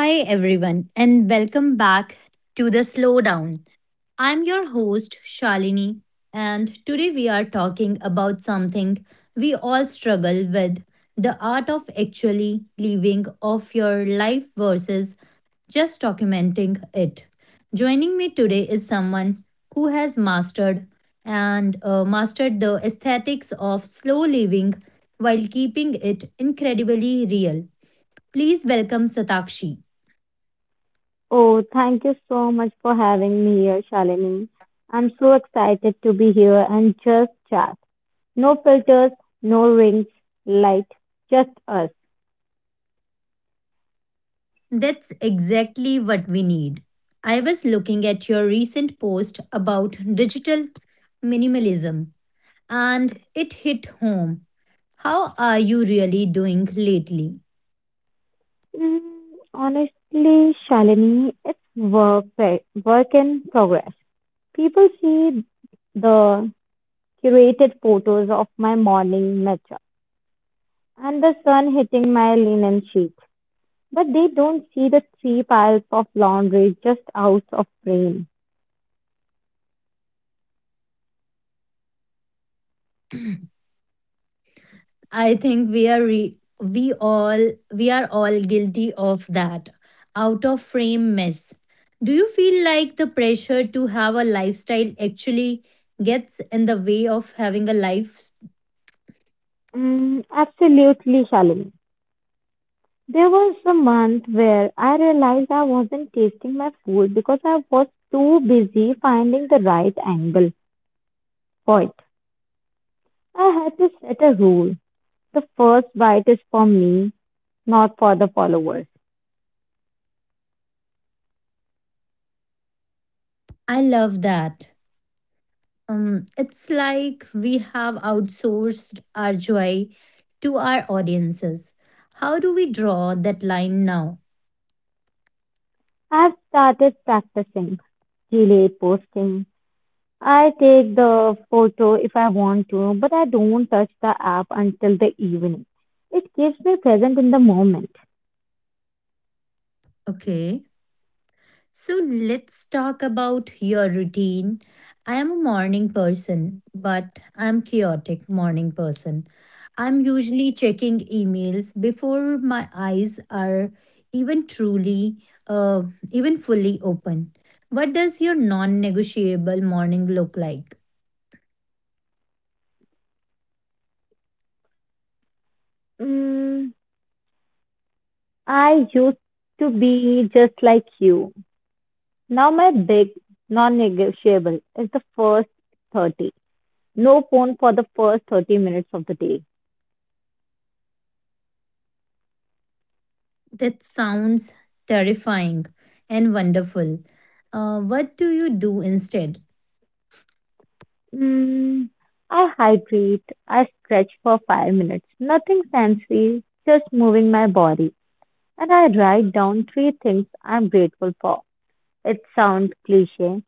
Hi, everyone, and welcome back to the slowdown. I'm your host, Shalini, and today we are talking about something we all struggle with: the art of actually living off your life versus just documenting it. Joining me today is someone who has mastered and mastered the aesthetics of slow living while keeping it incredibly real. Please welcome Satakshi. Oh, thank you so much for having me here, Shalini. I'm so excited to be here and just chat. No filters, no rings, light, just us. That's exactly what we need. I was looking at your recent post about digital minimalism and it hit home. How are you really doing lately? Mm, honestly, Shalini, it's work in progress. People see the curated photos of my morning matcha and the sun hitting my linen sheet, but they don't see the three piles of laundry just out of frame. I think we all we are all guilty of that out of frame mess. Do you feel like the pressure to have a lifestyle actually gets in the way of having a life? Absolutely, Shalini. There was a month where I realized I wasn't tasting my food because I was too busy finding the right angle for it. I had to set a rule. The first bite is for me, not for the followers. I love that. It's like we have outsourced our joy to our audiences. How do we draw that line now? I've started practicing delayed posting. I take the photo if I want to, but I don't touch the app until the evening. It keeps me present in the moment. Okay, so let's talk about your routine. I am a morning person, but I'm chaotic morning person. I'm usually checking emails before my eyes are even truly, uh, even fully open. What does your non-negotiable morning look like? Mm, I used to be just like you. Now my big non-negotiable is the first 30. No phone for the first 30 minutes of the day. That sounds terrifying and wonderful. What do you do instead? Mm, I hydrate, I stretch for 5 minutes. Nothing fancy, just moving my body. And I write down three things I'm grateful for. It sounds cliche,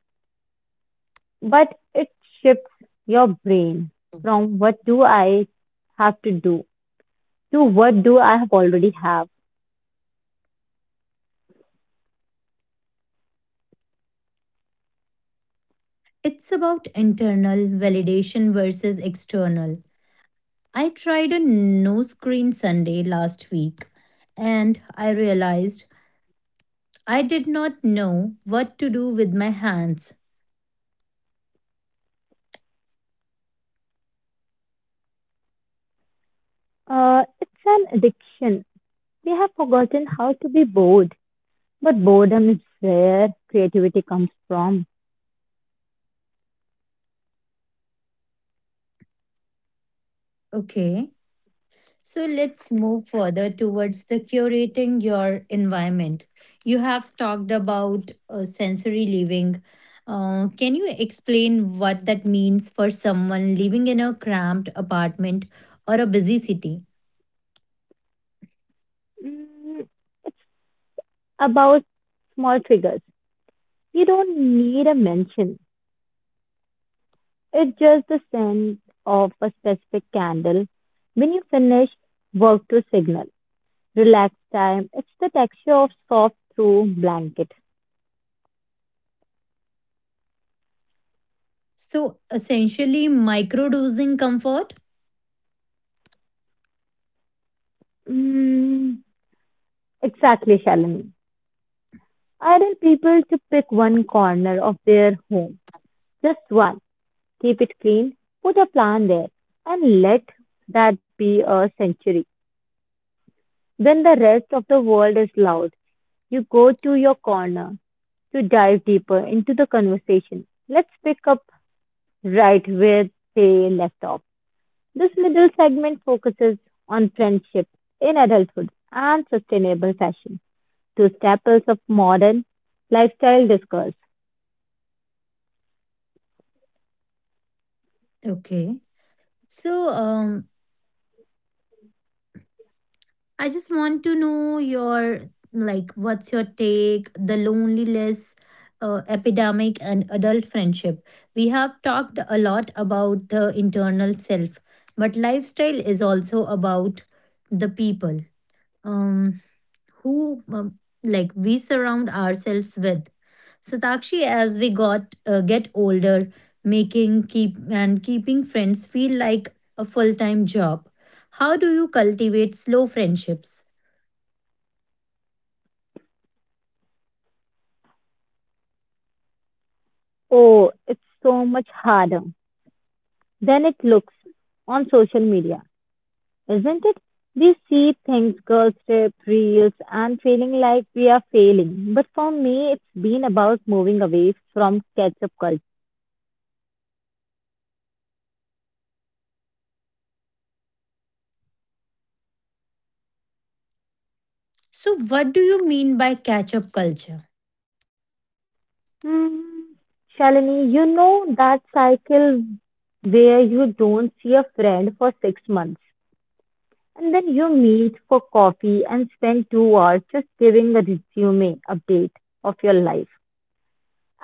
but it shifts your brain from what do I have to do to what do I have already have. It's about internal validation versus external. I tried a no screen Sunday last week and I realized I did not know what to do with my hands. It's an addiction. We have forgotten how to be bored, but boredom is where creativity comes from. Okay. So let's move further towards the curating your environment. You have talked about sensory living. Can you explain what that means for someone living in a cramped apartment or a busy city? Mm, it's about small triggers. You don't need a mention. It's just the scent of a specific candle. When you finish, work to signal. Relax time. It's the texture of soft through blanket. So essentially, microdosing comfort. Mm, exactly, Shalini. I tell people to pick one corner of their home, just one, keep it clean, put a plan there, and let that be a century. When the rest of the world is loud, you go to your corner to dive deeper into the conversation. Let's pick up right where they left off. This middle segment focuses on friendship in adulthood and sustainable fashion, two staples of modern lifestyle discourse. Okay. So I just want to know your like what's your take the loneliness epidemic and adult friendship. We have talked a lot about the internal self, but lifestyle is also about the people um, who like we surround ourselves with. Satakshi, as we got get older, making keep and keeping friends feel like a full time job. How do you cultivate slow friendships? Oh, it's so much harder than it looks on social media. Isn't it? We see things, girls, trip, reels, and feeling like we are failing. But for me, it's been about moving away from catch-up culture. So, what do you mean by catch up culture? Hmm, Shalini, you know that cycle where you don't see a friend for 6 months and then you meet for coffee and spend 2 hours just giving a resume update of your life.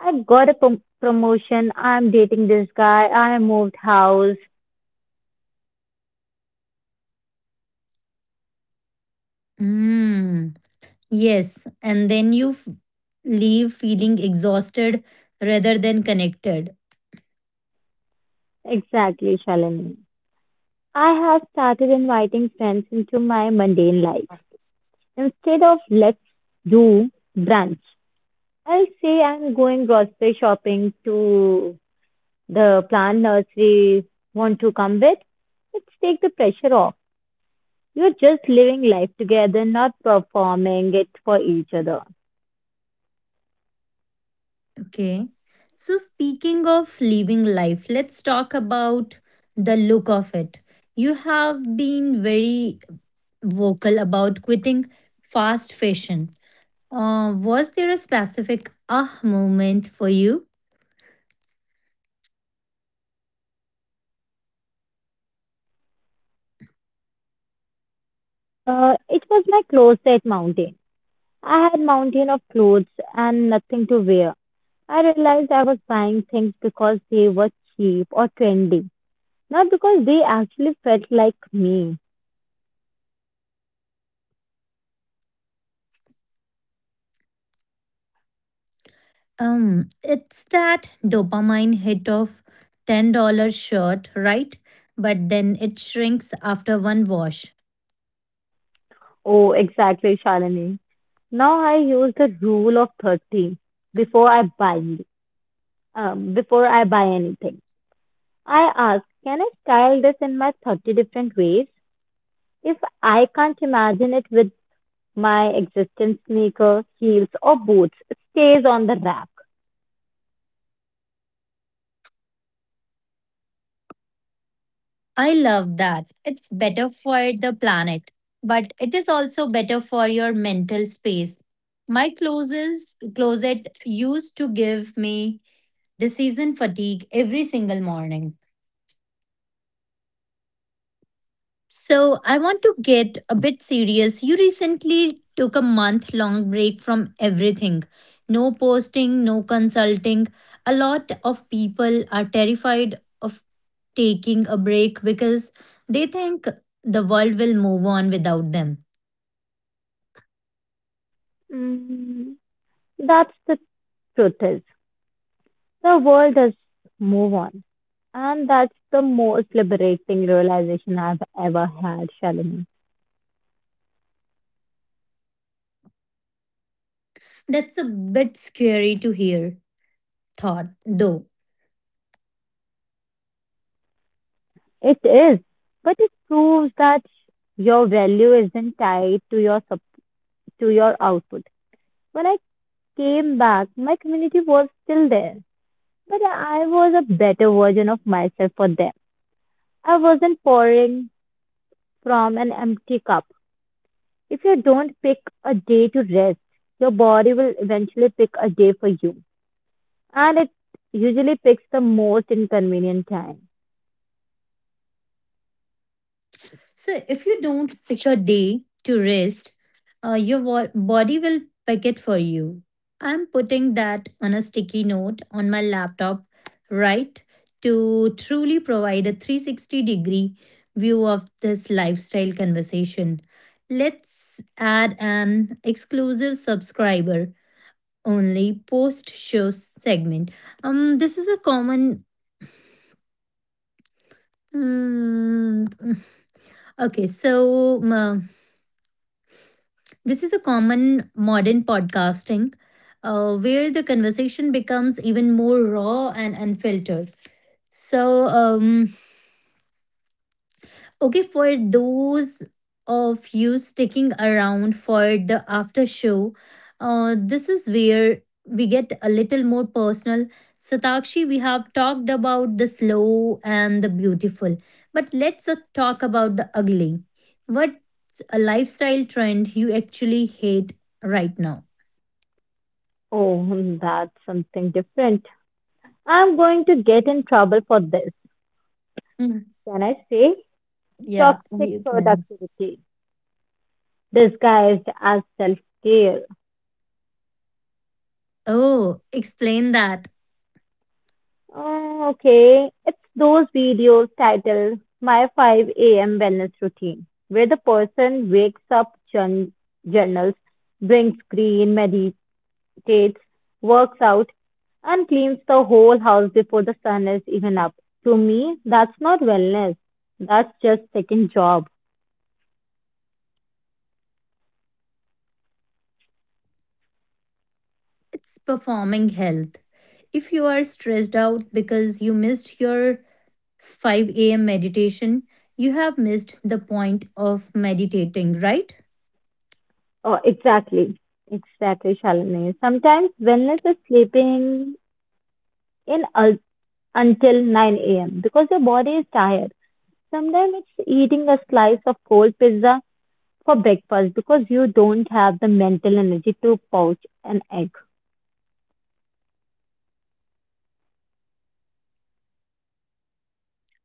I got a promotion, I'm dating this guy, I moved house. Mm, yes, and then leave feeling exhausted rather than connected. Exactly, Shalini. I have started inviting friends into my mundane life. Instead of let's do brunch, I'll say I'm going grocery shopping to the plant nursery. Want to come with? Let's take the pressure off. You're just living life together, not performing it for each other. Okay. So, speaking of living life, let's talk about the look of it. You have been very vocal about quitting fast fashion. Was there a specific ah moment for you? It was my closet mountain. I had mountain of clothes and nothing to wear. I realized I was buying things because they were cheap or trendy. Not because they actually felt like me. It's that dopamine hit of $10 shirt, right? But then it shrinks after one wash. Oh, exactly, Shalini. Now I use the rule of 30 before I buy before I buy anything. I ask, can I style this in my 30 different ways? If I can't imagine it with my existing sneaker, heels or boots, it stays on the rack. I love that. It's better for the planet, but it is also better for your mental space. My closes closet used to give me decision fatigue every single morning. So, I want to get a bit serious. You recently took a month long break from everything: no posting, no consulting. A lot of people are terrified of taking a break because they think the world will move on without them. Mm, that's the truth is. The world does move on. And that's the most liberating realization I've ever had, Shalini. That's a bit scary to hear, thought though. It is. But it proves that your value isn't tied to your to your output. When I came back, my community was still there, but I was a better version of myself for them. I wasn't pouring from an empty cup. If you don't pick a day to rest, your body will eventually pick a day for you. And it usually picks the most inconvenient time. So, if you don't pick a day to rest, your body will pick it for you. I'm putting that on a sticky note on my laptop, right? To truly provide a 360 degree view of this lifestyle conversation, let's add an exclusive subscriber only post show segment. This is a common. Mm, okay, this is a common modern podcasting where the conversation becomes even more raw and unfiltered. So, okay, for those of you sticking around for the after show, this is where we get a little more personal. Satakshi, we have talked about the slow and the beautiful, but let's talk about the ugly. What's a lifestyle trend you actually hate right now? Oh, that's something different. I'm going to get in trouble for this. Mm, Can I say? yeah, Toxic you can. productivity disguised as self care. Oh, explain that. Oh, okay. It's those videos titled My 5 a.m. Wellness Routine, where the person wakes up, journals, drinks green, meditates, meditates, works out, and cleans the whole house before the sun is even up. To me, that's not wellness. That's just second job. It's performing health. If you are stressed out because you missed your 5 a.m. meditation, you have missed the point of meditating, right? Oh, exactly. Exactly, Shalini. Sometimes wellness is sleeping in until 9 a.m. because your body is tired. Sometimes it's eating a slice of cold pizza for breakfast because you don't have the mental energy to poach an egg.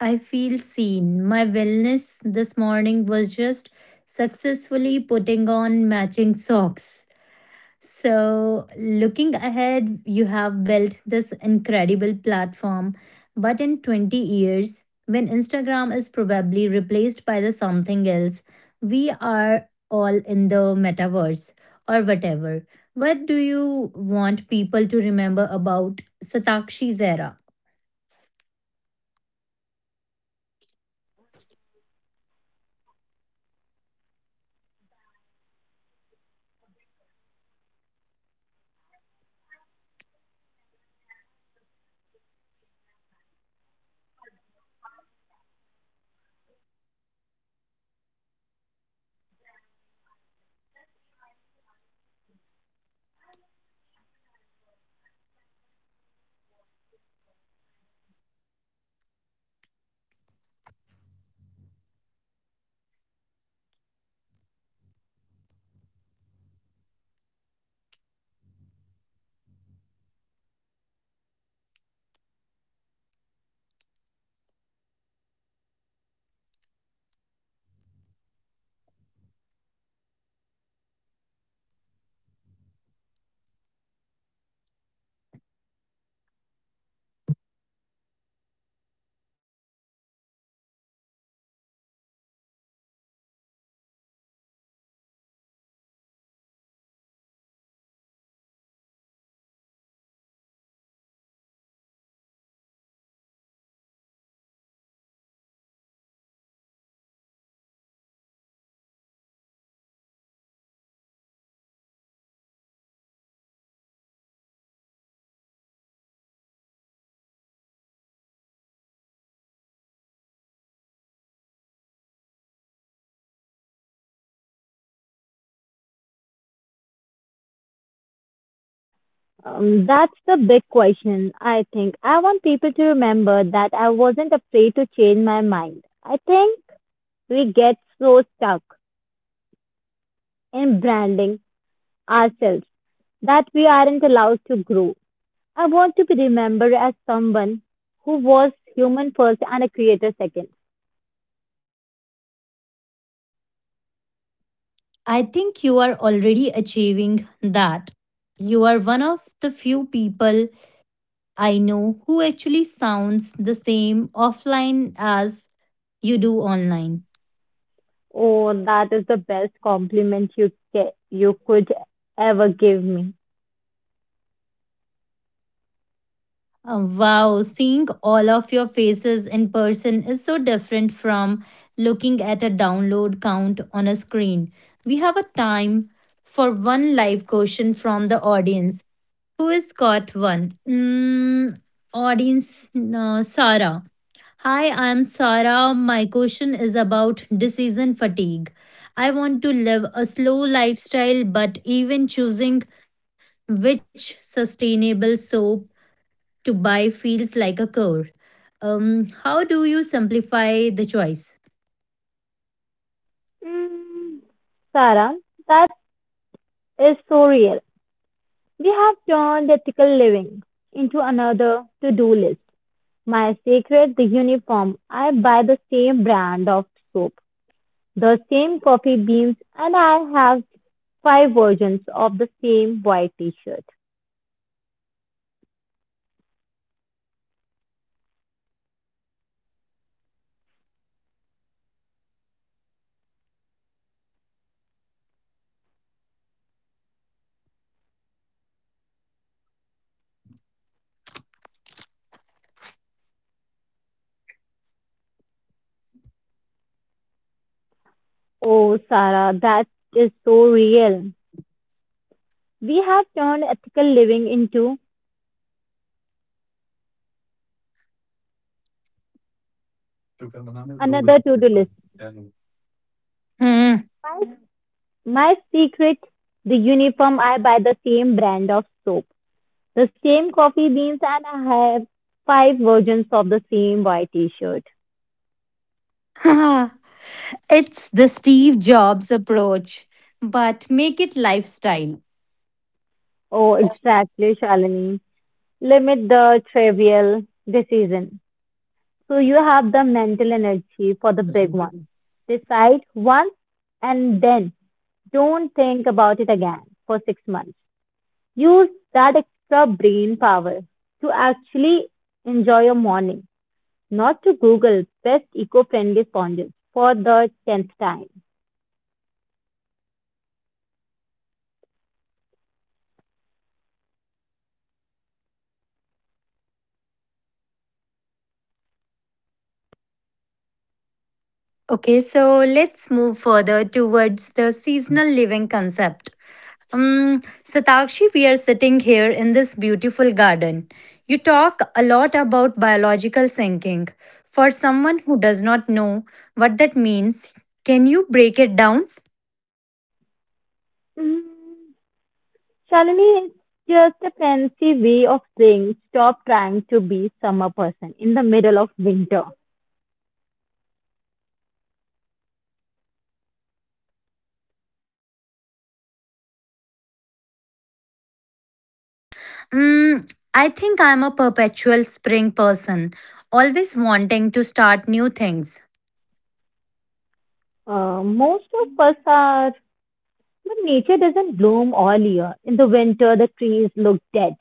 I feel seen. My wellness this morning was just successfully putting on matching socks. So, looking ahead, you have built this incredible platform, but in 20 years, when Instagram is probably replaced by the something else, we are all in the metaverse or whatever. What do you want people to remember about Satakshi's era? That's the big question, I think. I want people to remember that I wasn't afraid to change my mind. I think we get so stuck in branding ourselves that we aren't allowed to grow. I want to be remembered as someone who was human first and a creator second. I think you are already achieving that. You are one of the few people I know who actually sounds the same offline as you do online. Oh, that is the best compliment you could ever give me. Wow, seeing all of your faces in person is so different from looking at a download count on a screen. We have a time for one live question from the audience. Who has got one? Audience, Sarah. Hi, I'm Sarah. My question is about decision fatigue. I want to live a slow lifestyle, but even choosing which sustainable soap to buy feels like a chore. How do you simplify the choice? Mm, Sarah, that is so real. We have turned ethical living into another to do list. My secret, the uniform. I buy the same brand of soap, the same coffee beans, and I have five versions of the same white t shirt. Oh, Sarah, that is so real. We have turned ethical living into another to do list. Hmm. My secret, the uniform. I buy the same brand of soap, the same coffee beans and I have five versions of the same white t-shirt. It's the Steve Jobs approach, but make it lifestyle. Oh, exactly, Shalini. Limit the trivial decision. So you have the mental energy for the big one. Decide once and then don't think about it again for 6 months. Use that extra brain power to actually enjoy your morning, not to Google best eco-friendly sponges for the tenth time. Okay, so let's move further towards the seasonal living concept. Um, Satakshi, we are sitting here in this beautiful garden. You talk a lot about biological sinking. For someone who does not know what that means, can you break it down? Mm, Suddenly, it's just a fancy way of saying stop trying to be summer person in the middle of winter. Um, I think I'm a perpetual spring person, always wanting to start new things. Most of us are, but nature doesn't bloom all year. In the winter, the trees look dead,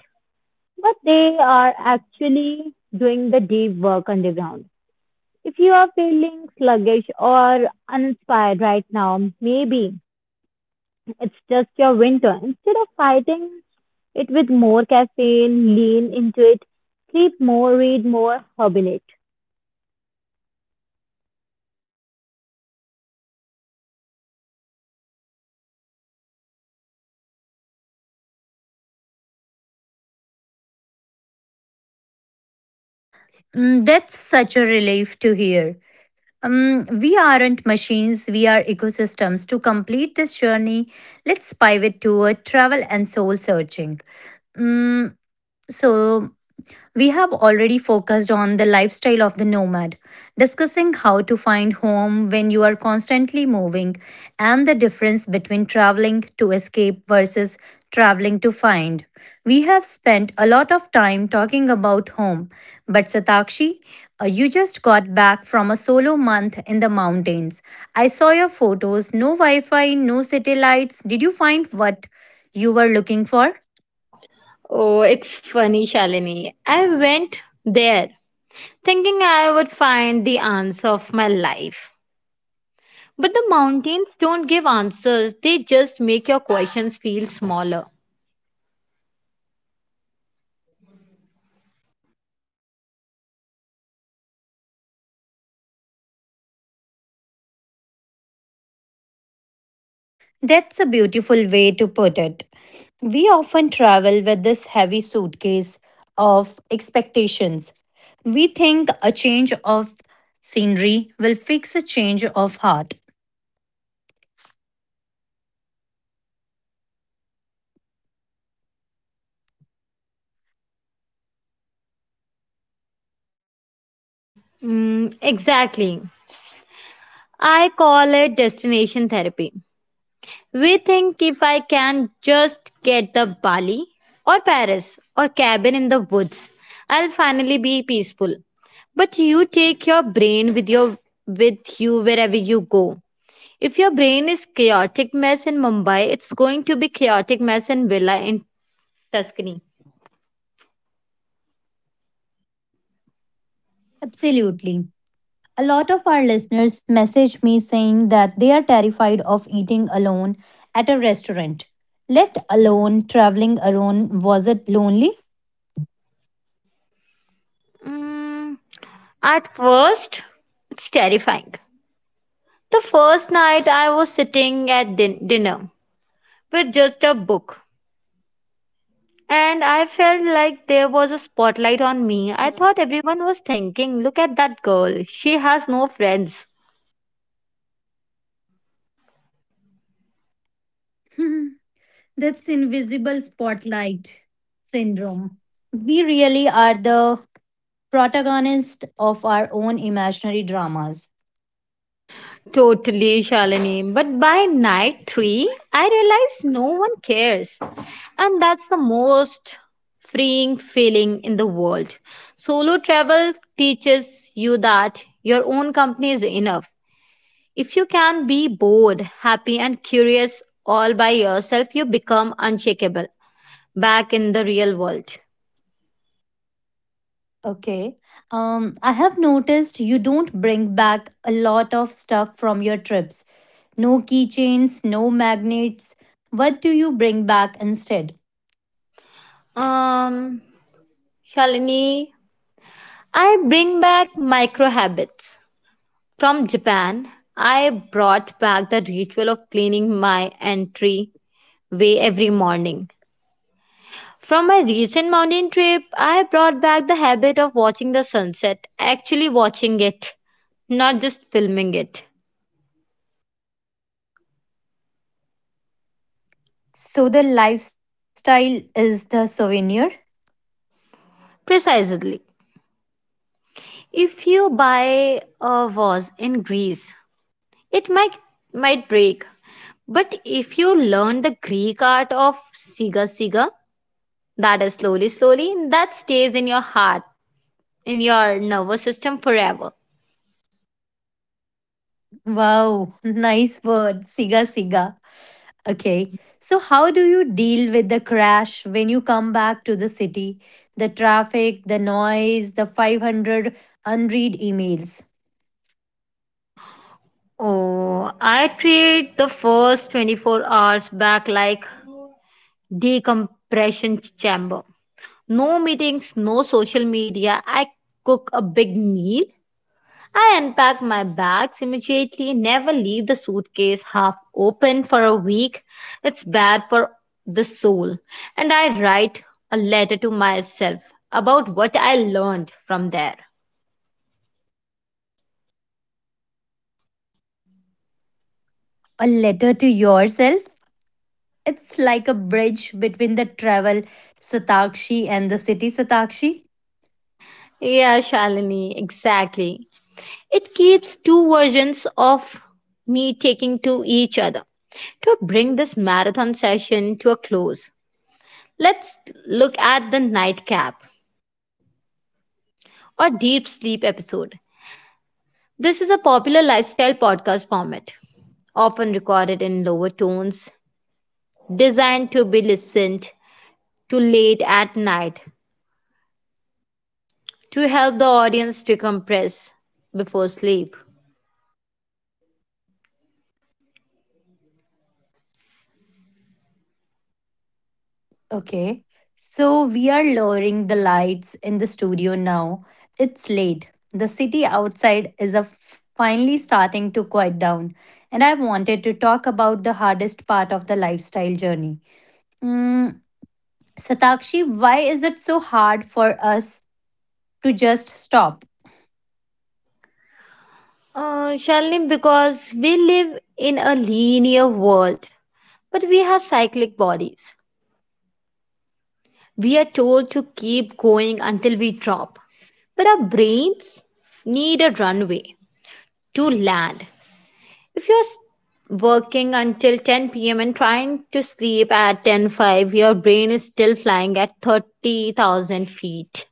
but they are actually doing the deep work underground. If you are feeling sluggish or uninspired right now, maybe it's just your winter. Instead of fighting it with more caffeine, lean into it, sleep more, read more, hibernate. Mm, that's such a relief to hear. We aren't machines, we are ecosystems. To complete this journey, let's pivot toward travel and soul searching. Mm, so, we have already focused on the lifestyle of the nomad, discussing how to find home when you are constantly moving and the difference between traveling to escape versus traveling to find. We have spent a lot of time talking about home, but Satakshi, you just got back from a solo month in the mountains. I saw your photos: no Wi Fi, no satellites. Did you find what you were looking for? Oh, it's funny, Shalini. I went there thinking I would find the answer of my life. But the mountains don't give answers, they just make your questions feel smaller. That's a beautiful way to put it. We often travel with this heavy suitcase of expectations. We think a change of scenery will fix a change of heart. Exactly. I call it destination therapy. We think if I can just get the Bali or Paris or cabin in the woods, I'll finally be peaceful. But you take your brain with your with you wherever you go. If your brain is chaotic mess in Mumbai, it's going to be chaotic mess in villa in Tuscany. Absolutely. A lot of our listeners message me saying that they are terrified of eating alone at a restaurant. Let alone traveling alone. Was it lonely? Mm, at first, it's terrifying. The first night I was sitting at dinner with just a book. And I felt like there was a spotlight on me. I thought everyone was thinking, look at that girl. She has no friends. Hmm, that's invisible spotlight syndrome. We really are the protagonist of our own imaginary dramas. Totally, Shalini. But by night three, I realized no one cares. And that's the most freeing feeling in the world. Solo travel teaches you that your own company is enough. If you can be bored, happy, and curious all by yourself, you become unshakable back in the real world. Okay. I have noticed you don't bring back a lot of stuff from your trips. No keychains, no magnets. What do you bring back instead? Um, Shalini, I bring back micro habits. From Japan, I brought back the ritual of cleaning my entry way every morning. From my recent mountain trip, I brought back the habit of watching the sunset, actually watching it, not just filming it. So the lifestyle is the souvenir. Precisely. If you buy a vase in Greece, it might break, but if you learn the Greek art of Siga Siga, that is slowly, slowly, that stays in your heart, in your nervous system forever. Wow, nice word. Siga siga. Okay. So, how do you deal with the crash when you come back to the city? The traffic, the noise, the 500 unread emails. Oh, I treat the first 24 hours back like decompression chamber. No meetings, no social media. I cook a big meal. I unpack my bags immediately, never leave the suitcase half open for a week. It's bad for the soul. And I write a letter to myself about what I learned from there. A letter to yourself? It's like a bridge between the travel Satakshi and the city Satakshi. Yeah, Shalini, exactly. It keeps two versions of me taking to each other. To bring this marathon session to a close, let's look at the nightcap or deep sleep episode. This is a popular lifestyle podcast format, often recorded in lower tones, designed to be listened to late at night to help the audience decompress before sleep. Okay. So we are lowering the lights in the studio now. It's late. The city outside is finally starting to quiet down. And I wanted to talk about the hardest part of the lifestyle journey. Mm, Satakshi, why is it so hard for us to just stop? Shalini, because we live in a linear world, but we have cyclic bodies. We are told to keep going until we drop, but our brains need a runway to land. If working until 10 p.m. and trying to sleep at 10:05, your brain is still flying at 30,000 feet.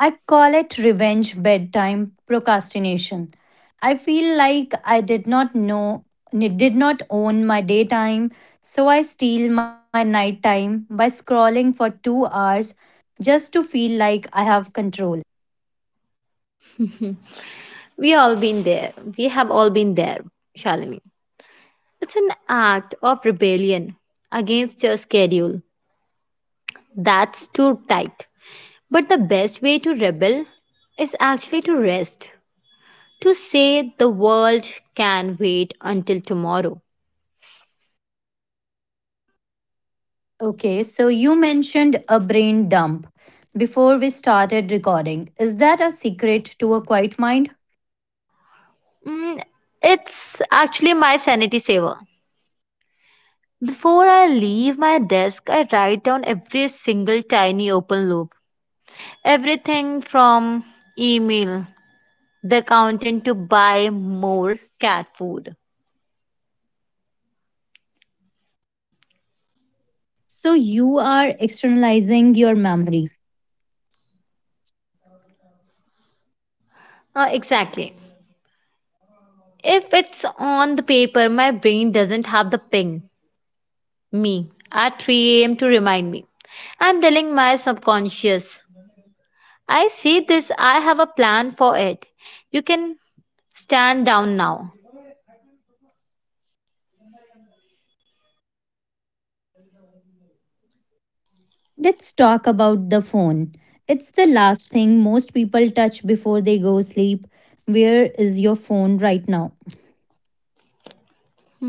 I call it revenge bedtime procrastination. I feel like I did not know did not own my daytime, so I steal my nighttime by scrolling for 2 hours just to feel like I have control. We all been there. We have all been there, Shalini. It's an act of rebellion against your schedule. That's too tight. But the best way to rebel is actually to rest. To say the world can wait until tomorrow. Okay, so you mentioned a brain dump before we started recording. Is that a secret to a quiet mind? Mm, it's actually my sanity saver. Before I leave my desk, I write down every single tiny open loop. Everything from email, the accountant to buy more cat food. So you are externalizing your memory. Exactly. If it's on the paper, my brain doesn't have the ping, me, at 3 a.m. to remind me. I'm telling my subconscious, I see this, I have a plan for it. You can stand down now. Let's talk about the phone. It's the last thing most people touch before they go sleep. Where is your phone right now?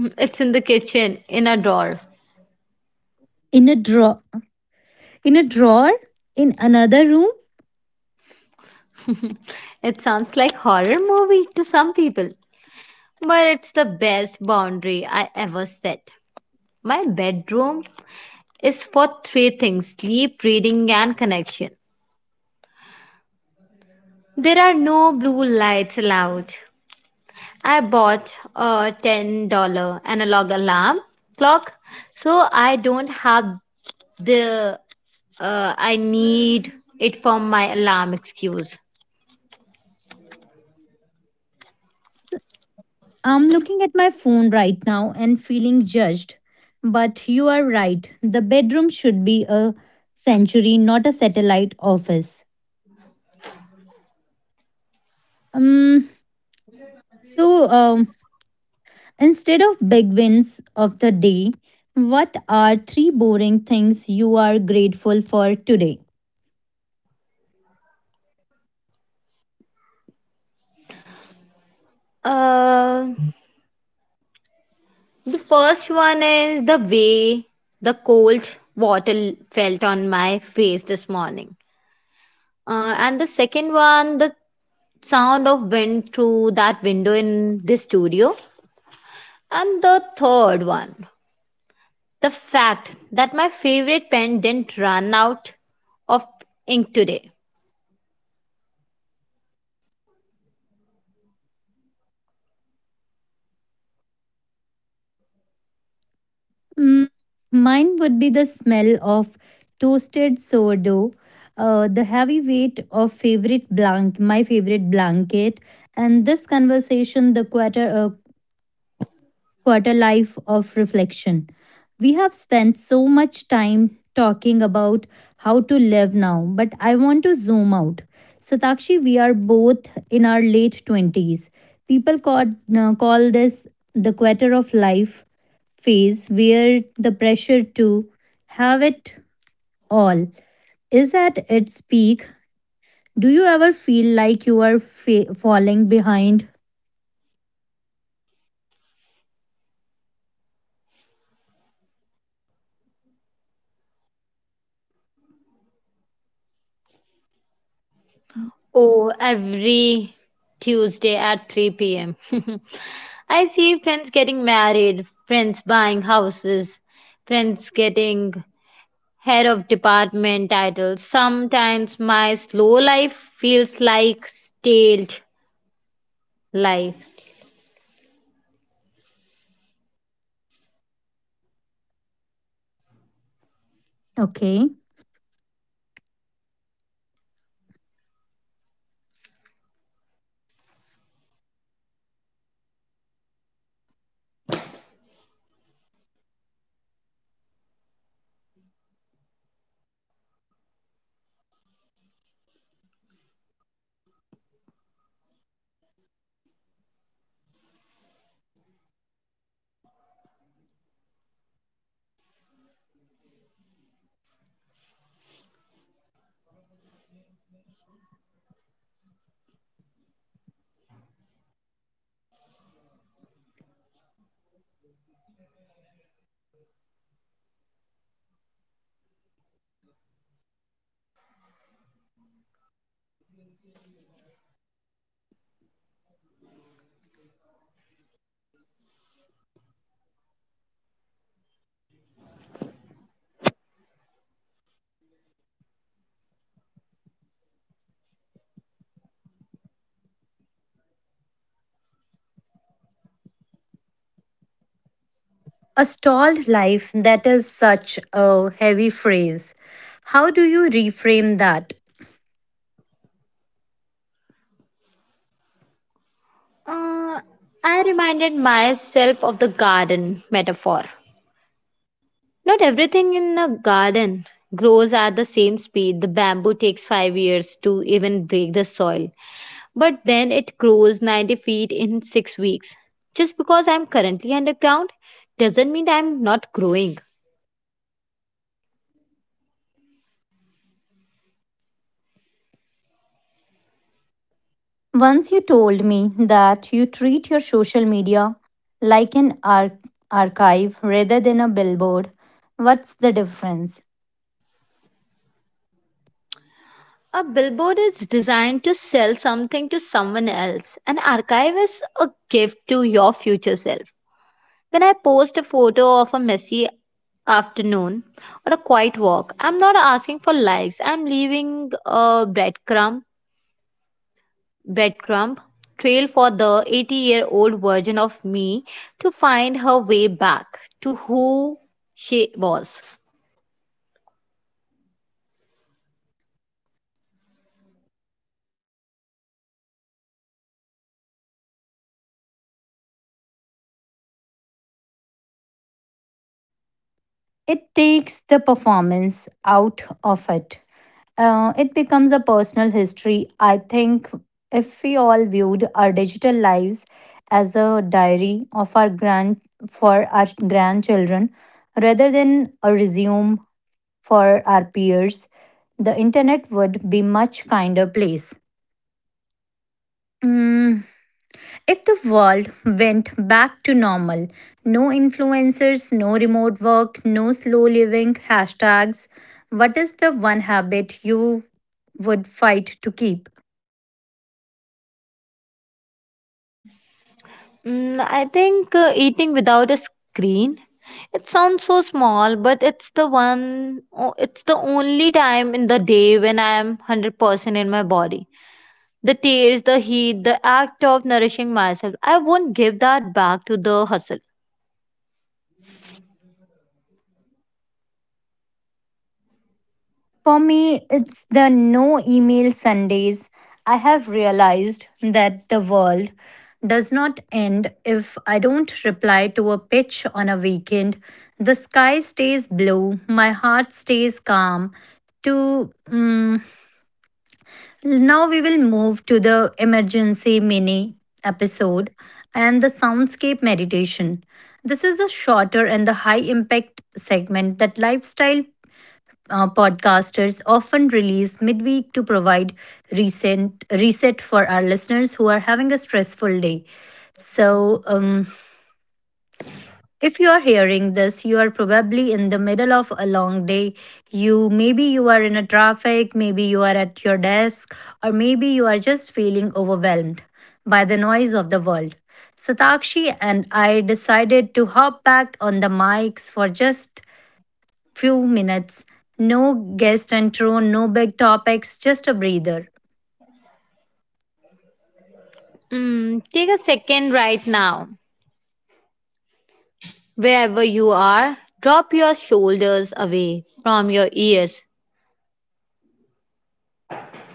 It's in the kitchen, in a drawer. In a drawer. In a drawer? In another room? It sounds like horror movie to some people, but it's the best boundary I ever set. My bedroom is for three things: sleep, reading, and connection. There are no blue lights allowed. I bought a $10 analog alarm clock so I don't have the I need it for my alarm excuse. So I'm looking at my phone right now and feeling judged. But you are right. The bedroom should be a sanctuary, not a satellite office. Um so um Instead of big wins of the day, what are three boring things you are grateful for today? Uh, The first one is the way the cold water felt on my face this morning. And the second one, the sound of wind through that window in the studio. And the third one, the fact that my favorite pen didn't run out of ink today. Mm, Mine would be the smell of toasted sourdough, the heavy weight of favorite blank, my favorite blanket, and this conversation, the quarter life of reflection. We have spent so much time talking about how to live now, but I want to zoom out. Satakshi, we are both in our late 20s. People call this the quarter of life phase, where the pressure to have it all is at its peak. Do you ever feel like you are falling behind? Oh, every Tuesday at 3 pm. I see friends getting married, friends buying houses, friends getting head of department title. Sometimes my slow life feels like staled life. Okay. A stalled life, that is such a heavy phrase. How do you reframe that? Uh, I reminded myself of the garden metaphor. Not everything in a garden grows at the same speed. The bamboo takes 5 years to even break the soil, but then it grows 90 feet in 6 weeks. Just because I'm currently underground doesn't mean I'm not growing. Once you told me that you treat your social media like an archive rather than a billboard, what's the difference? A billboard is designed to sell something to someone else. An archive is a gift to your future self. When I post a photo of a messy afternoon or a quiet walk, I'm not asking for likes. I'm leaving a breadcrumb trail for the 80-year-old version of me to find her way back to who she was. It takes the performance out of it. It becomes a personal history. I think if we all viewed our digital lives as a diary of our grand for our grandchildren rather than a resume for our peers, the internet would be much kinder place. Mm, if the world went back to normal, no influencers, no remote work, no slow living hashtags, what is the one habit you would fight to keep? I think eating without a screen. It sounds so small, but it's the only time in the day when I am 100% in my body. The taste, the heat, the act of nourishing myself, I won't give that back to the hustle. For me, it's the no email Sundays. I have realized that the world does not end if I don't reply to a pitch on a weekend. The sky stays blue, my heart stays calm. To mm, Now we will move to the emergency mini episode and the soundscape meditation. This is the shorter and the high impact segment that lifestyle podcasters often release midweek to provide recent reset for our listeners who are having a stressful day. So, if you are hearing this, you are probably in the middle of a long day. You maybe you are in a traffic, maybe you are at your desk, or maybe you are just feeling overwhelmed by the noise of the world. Satakshi and I decided to hop back on the mics for just few minutes. No guest intro, no big topics, just a breather. Take a second right now. Wherever you are, drop your shoulders away from your ears,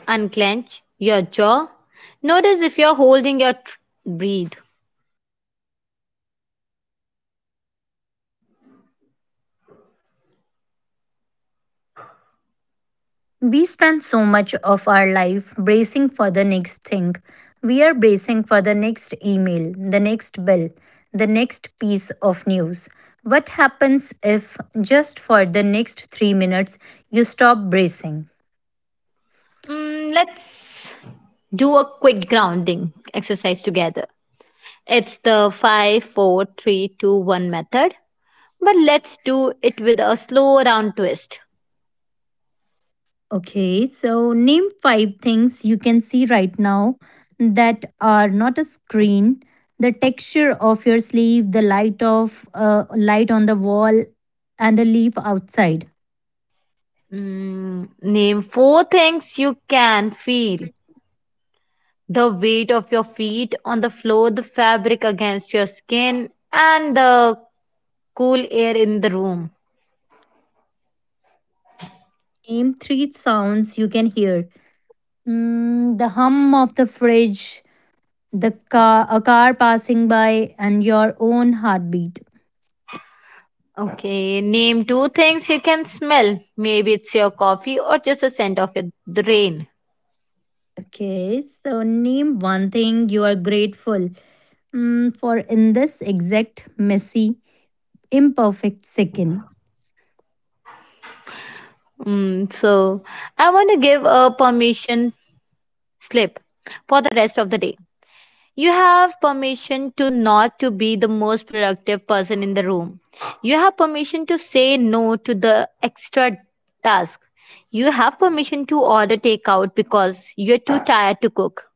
unclench your jaw. Notice if you're holding your breathe. We spend so much of our life bracing for the next thing. We are bracing for the next email, the next bill, the next piece of news. What happens if, just for the next 3 minutes, you stop bracing? Let's do a quick grounding exercise together. It's the five, four, three, two, one method, but let's do it with a slow round twist. Okay, so name five things you can see right now that are not a screen, the texture of your sleeve, the light on the wall, and a leaf outside. Name four things you can feel: the weight of your feet on the floor, the fabric against your skin, and the cool air in the room. Name three sounds you can hear. Mm, the hum of the fridge, a car passing by, and your own heartbeat. Okay, name two things you can smell. Maybe it's your coffee or just the scent of it- the rain. Okay, so name one thing you are grateful, for in this exact messy, imperfect second. So I want to give a permission slip for the rest of the day. You have permission to not to be the most productive person in the room. You have permission to say no to the extra task. You have permission to order takeout because you're too tired to cook.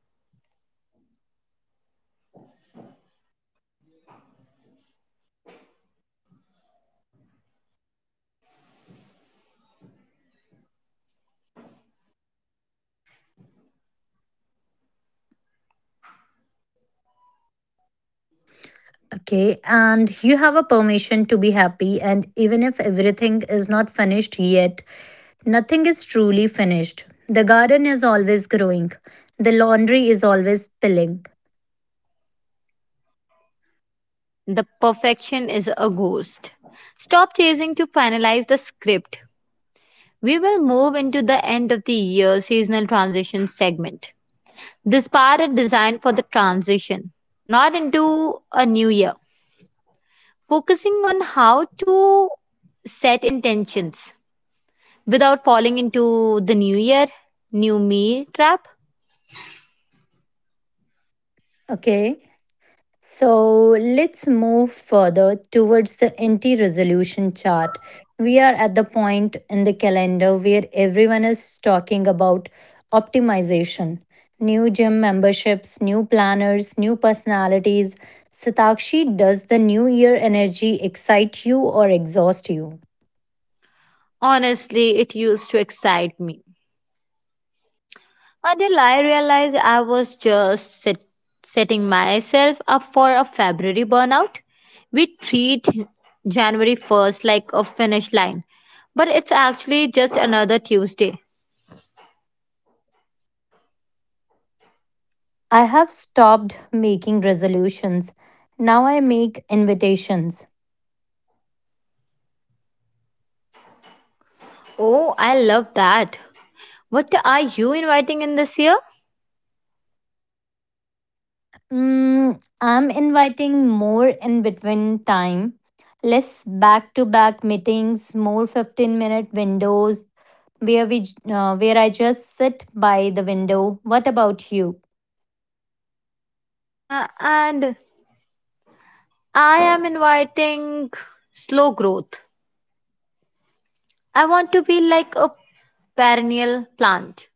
Okay, and you have a permission to be happy, and even if everything is not finished yet, nothing is truly finished. The garden is always growing, the laundry is always spilling. The perfection is a ghost. Stop chasing to finalize the script. We will move into the end of the year seasonal transition segment. This part is designed for the transition, not into a new year, focusing on how to set intentions without falling into the new year, new me trap. Okay, so let's move further towards the anti resolution chart. We are at the point in the calendar where everyone is talking about optimization. New gym memberships, new planners, new personalities. Satakshi, does the new year energy excite you or exhaust you? Honestly, it used to excite me until I realized I was just setting myself up for a February burnout. We treat January 1st like a finish line, but it's actually just another Tuesday. I have stopped making resolutions. Now I make invitations. Oh, I love that. What are you inviting in this year? I'm inviting more in between time, less back to back meetings, more 15-minute windows where where I just sit by the window. What about you? And I am inviting slow growth. I want to be like a perennial plant.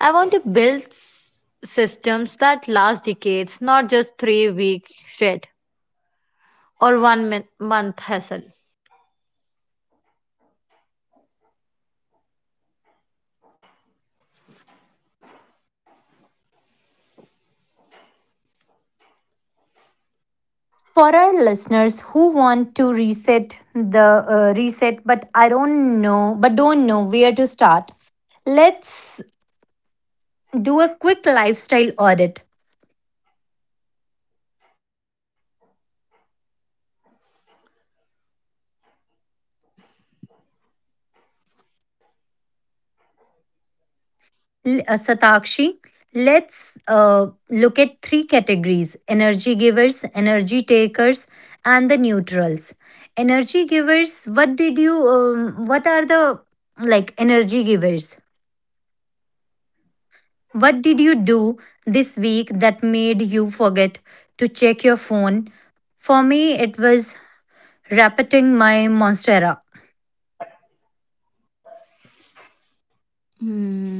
I want to build systems that last decades, not just 3 week shred or one month hassle. For our listeners who want to reset but I don't know but don't know where to start, let's do a quick lifestyle audit. Satakshi, let's uh, look at three categories, energy givers, energy takers, and the neutrals. Energy givers, what are the like energy givers? What did you do this week that made you forget to check your phone? For me, it was repeating my Monstera. Hmm.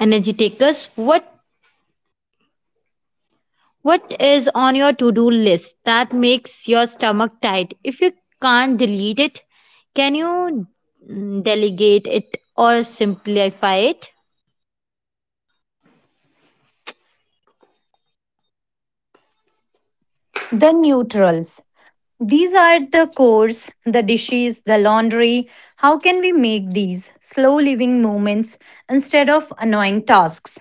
Energy takers, what is on your to do list that makes your stomach tight? If you can't delete it, can you delegate it or simplify it? The neutrals. These are the chores, the dishes, the laundry. How can we make these slow living moments instead of annoying tasks?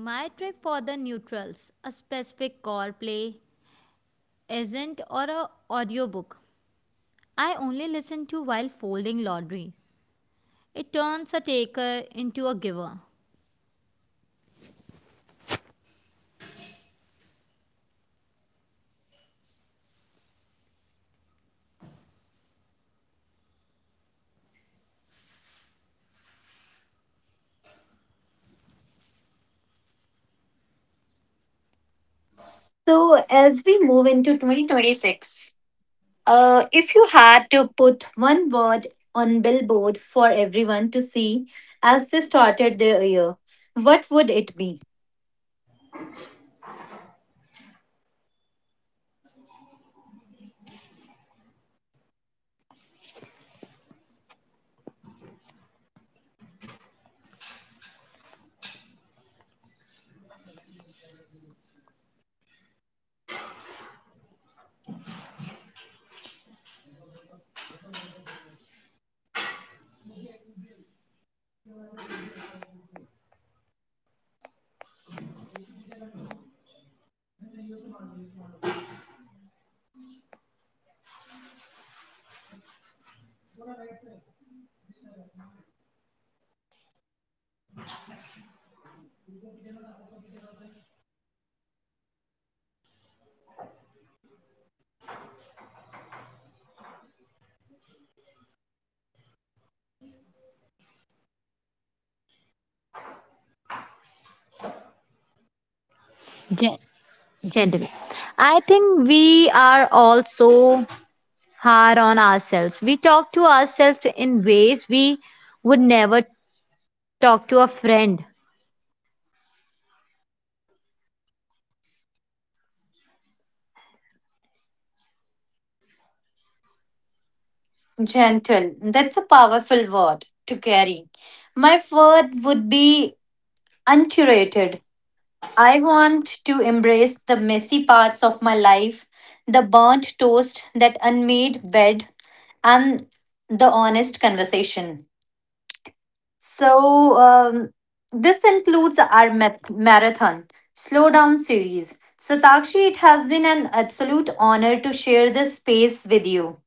My trick for the neutrals, a specific core play, isn't or a audiobook. I only listen to while folding laundry. It turns a taker into a giver. So, as we move into 2026, if you had to put one word on billboard for everyone to see as they started their year, what would it be? Gen- Gently. I think we are all so hard on ourselves. We talk to ourselves in ways we would never talk to a friend. Gentle. That's a powerful word to carry. My word would be uncurated. I want to embrace the messy parts of my life, the burnt toast, that unmade bed, and the honest conversation. So, this includes our marathon slow down series. So, Takshi, it has been an absolute honor to share this space with you.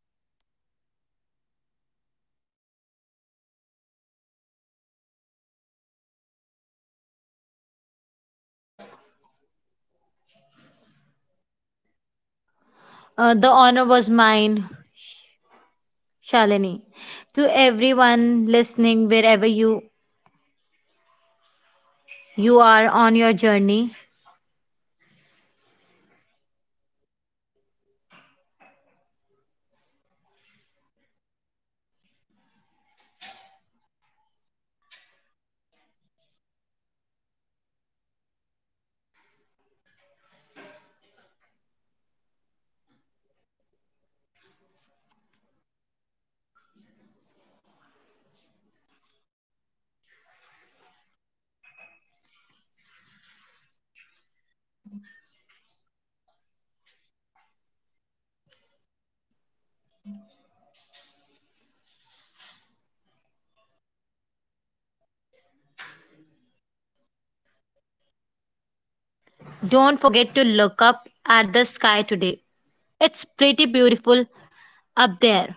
The honor was mine, Shalini. To everyone listening, wherever you are on your journey, don't forget to look up at the sky today. It's pretty beautiful up there.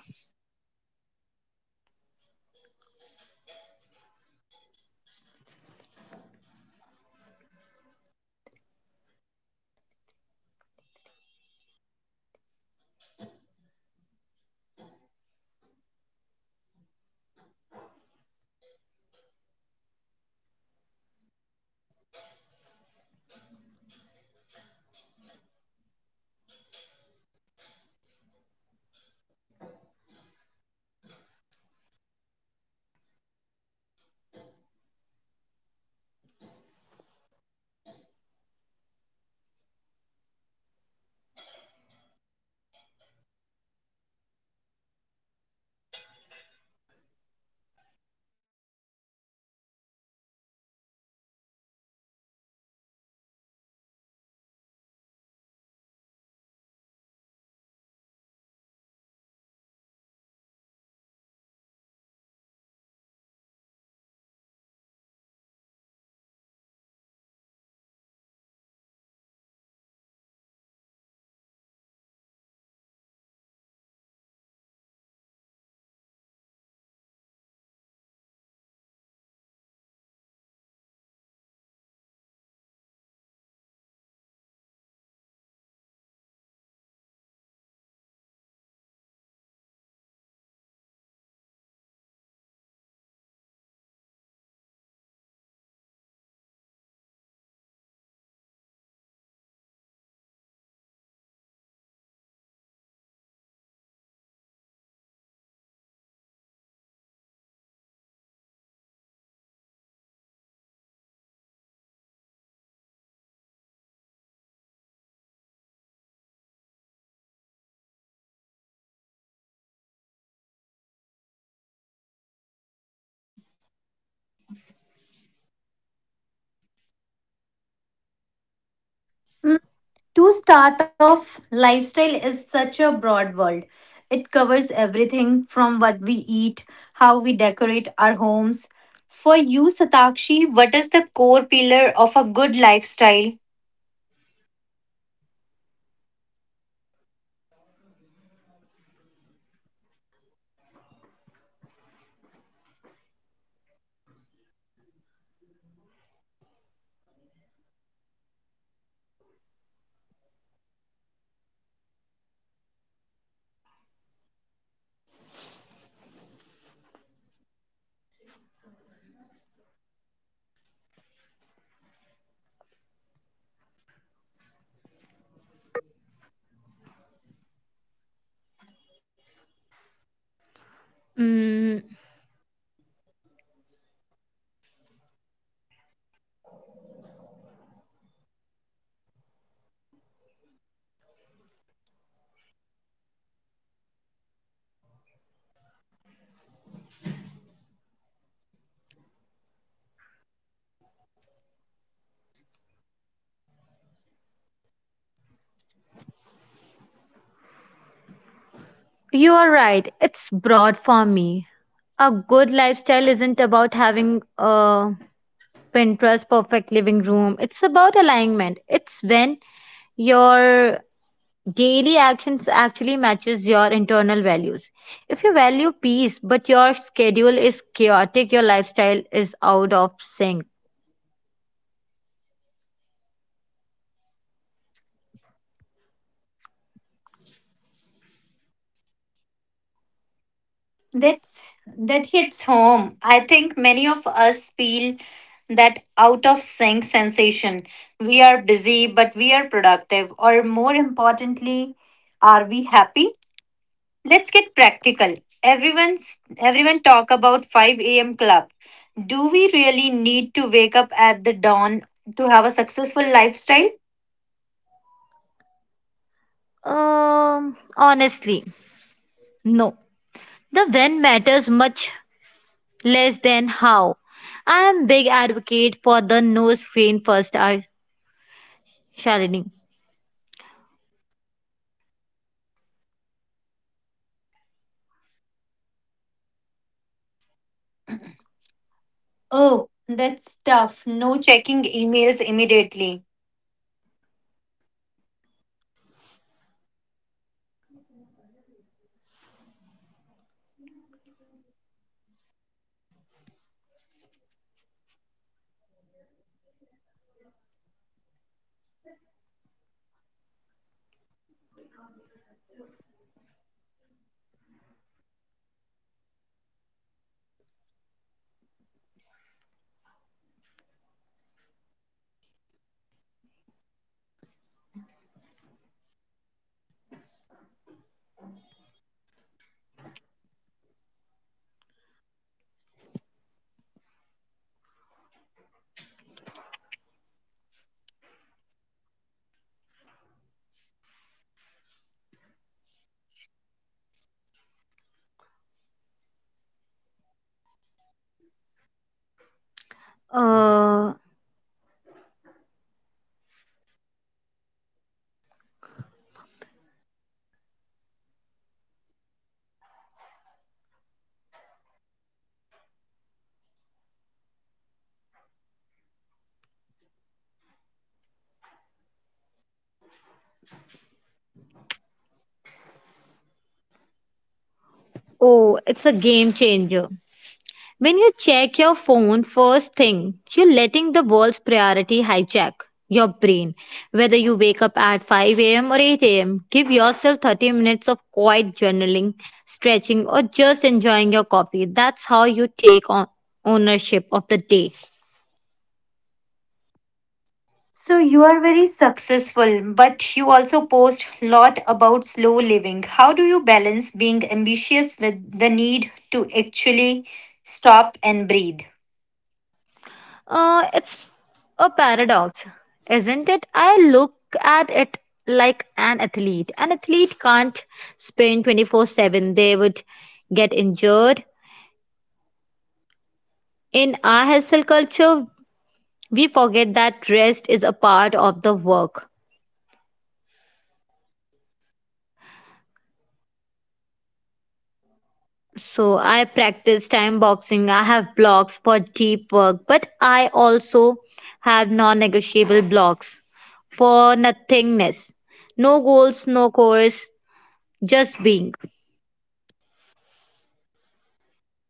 To start off, lifestyle is such a broad world. It covers everything from what we eat, how we decorate our homes. For you, Satakshi, what is the core pillar of a good lifestyle? Mm, you are right, it's broad for me. A good lifestyle isn't about having a Pinterest perfect living room, it's about alignment. It's when your daily actions actually matches your internal values. If you value peace but your schedule is chaotic, your lifestyle is out of sync. That's, that hits home. I think many of us feel that out of sync sensation. We are busy, but we are productive, or more importantly, are we happy? Let's get practical. Everyone talk about 5 a.m. club. Do we really need to wake up at the dawn to have a successful lifestyle? Honestly, no. The when matters much less than how. I am big advocate for the no screen first, I Shalini. Oh, that's tough. No checking emails immediately. Uh, oh, it's a game changer. When you check your phone first thing, you're letting the world's priority hijack your brain. Whether you wake up at 5 a.m. or 8 a.m., give yourself 30 minutes of quiet journaling, stretching, or just enjoying your coffee. That's how you take on ownership of the day. So you are very successful, but you also post lot about slow living. How do you balance being ambitious with the need to actually stop and breathe? It's a paradox, isn't it? I look at it like an athlete. An athlete can't sprint 24/7, they would get injured. In our hustle culture, we forget that rest is a part of the work. So I practice time boxing, I have blocks for deep work, but I also have non negotiable blocks for nothingness. No goals, no course, just being.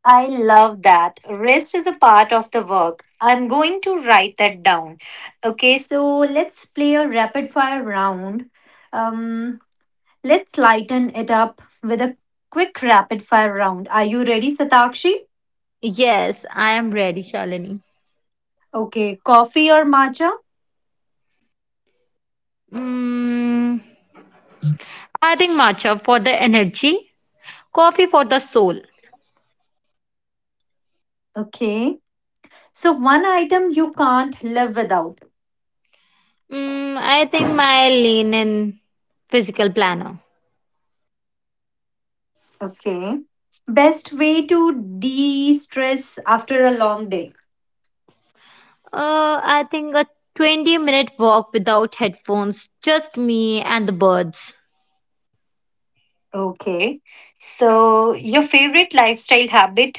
I love that. Rest is a part of the work. I'm going to write that down. Okay, so let's play a rapid fire round. Um, let's lighten it up with a quick rapid fire round. Are you ready, Satakshi? Yes, I am ready, Shalini. Okay, coffee or matcha? Mm, I think matcha for the energy, coffee for the soul. Okay. So, one item you can't live without. I think my lean and physical planner. Okay. Best way to de stress after a long day. I think a 20-minute walk without headphones, just me and the birds. Okay. So, your favorite lifestyle habit?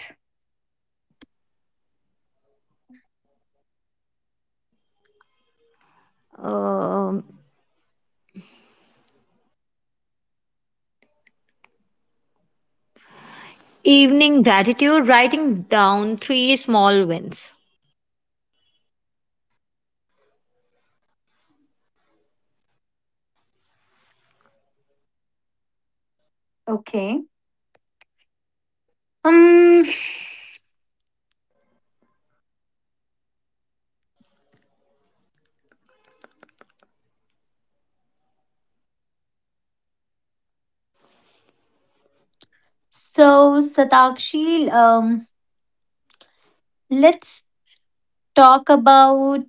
Um Evening gratitude, writing down three small wins. Okay. Um. So Satakshi, let's talk about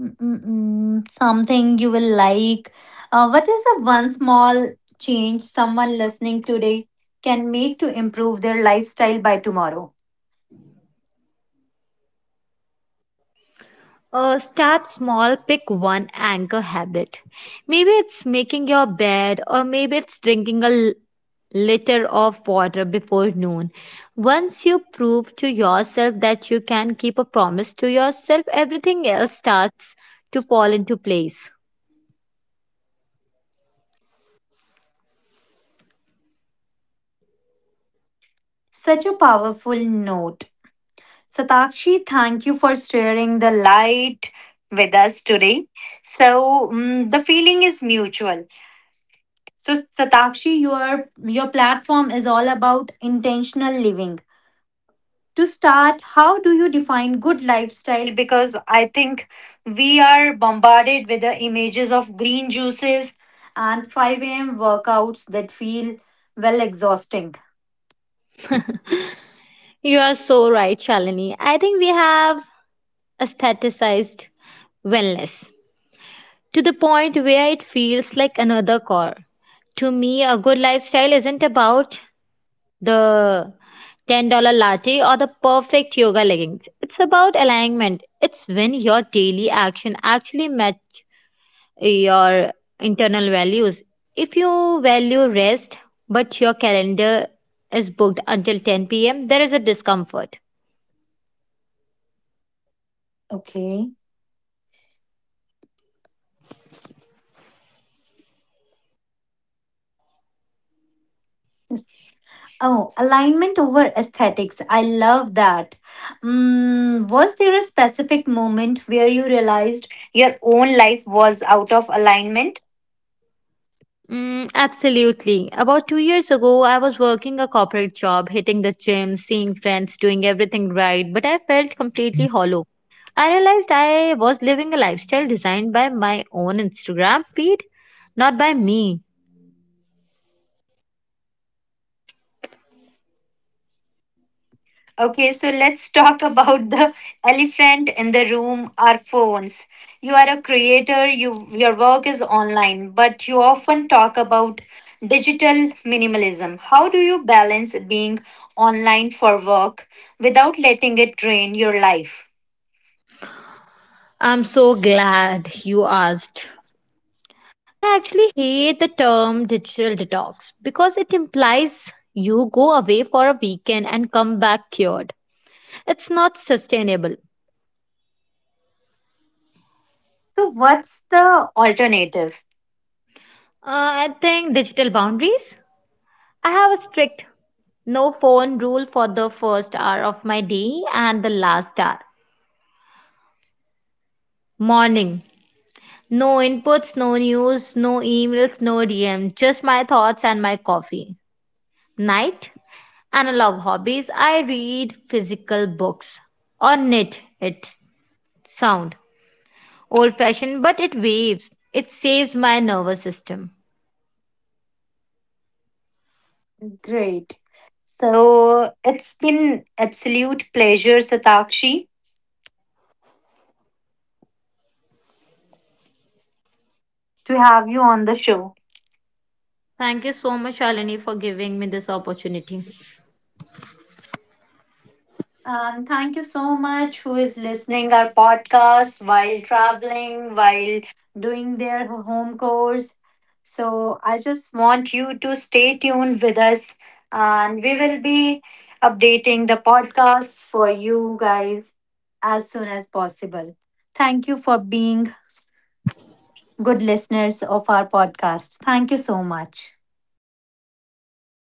something you will like. What is the one small change someone listening today can make to improve their lifestyle by tomorrow? Start small, pick one anchor habit. Maybe it's making your bed, or maybe it's drinking a liter of water before noon. Once you prove to yourself that you can keep a promise to yourself, everything else starts to fall into place. Such a powerful note. Satakshi, thank you for sharing the light with us today. So, the feeling is mutual. So Satakshi, your platform is all about intentional living. To start, how do you define good lifestyle? Because I think we are bombarded with the images of green juices and 5 a.m. workouts that feel well exhausting. You are so right, Shalini. I think we have aestheticized wellness to the point where it feels like another core. To me, a good lifestyle isn't about the $10 latte or the perfect yoga leggings. It's about alignment. It's when your daily action actually match your internal values. If you value rest, but your calendar is booked until 10 p.m., there is a discomfort. Okay. Oh, alignment over aesthetics. I love that. Mm, was there a specific moment where you realized your own life was out of alignment? Absolutely. About 2 years ago, I was working a corporate job, hitting the gym, seeing friends, doing everything right, but I felt completely hollow. I realized I was living a lifestyle designed by my own Instagram feed, not by me. Okay, so let's talk about the elephant in the room, our phones. You are a creator, your work is online, but you often talk about digital minimalism. How do you balance being online for work without letting it drain your life? I'm so glad you asked. I actually hate the term digital detox because it implies you go away for a weekend and come back cured. It's not sustainable. So, what's the alternative? I think digital boundaries. I have a strict no phone rule for the first hour of my day and the last hour. Morning. No inputs, no news, no emails, no DM, just my thoughts and my coffee. Night analog hobbies I read physical books or knit it. Sound old fashioned, but it waves. It saves my nervous system. Great. So it's been absolute pleasure, Satakshi, to have you on the show. Thank you so much, Shalini, for giving me this opportunity. Thank you so much who is listening our podcast while traveling, while doing their home course. So I just want you to stay tuned with us and we will be updating the podcast for you guys as soon as possible. Thank you for being good listeners of our podcast. Thank you so much.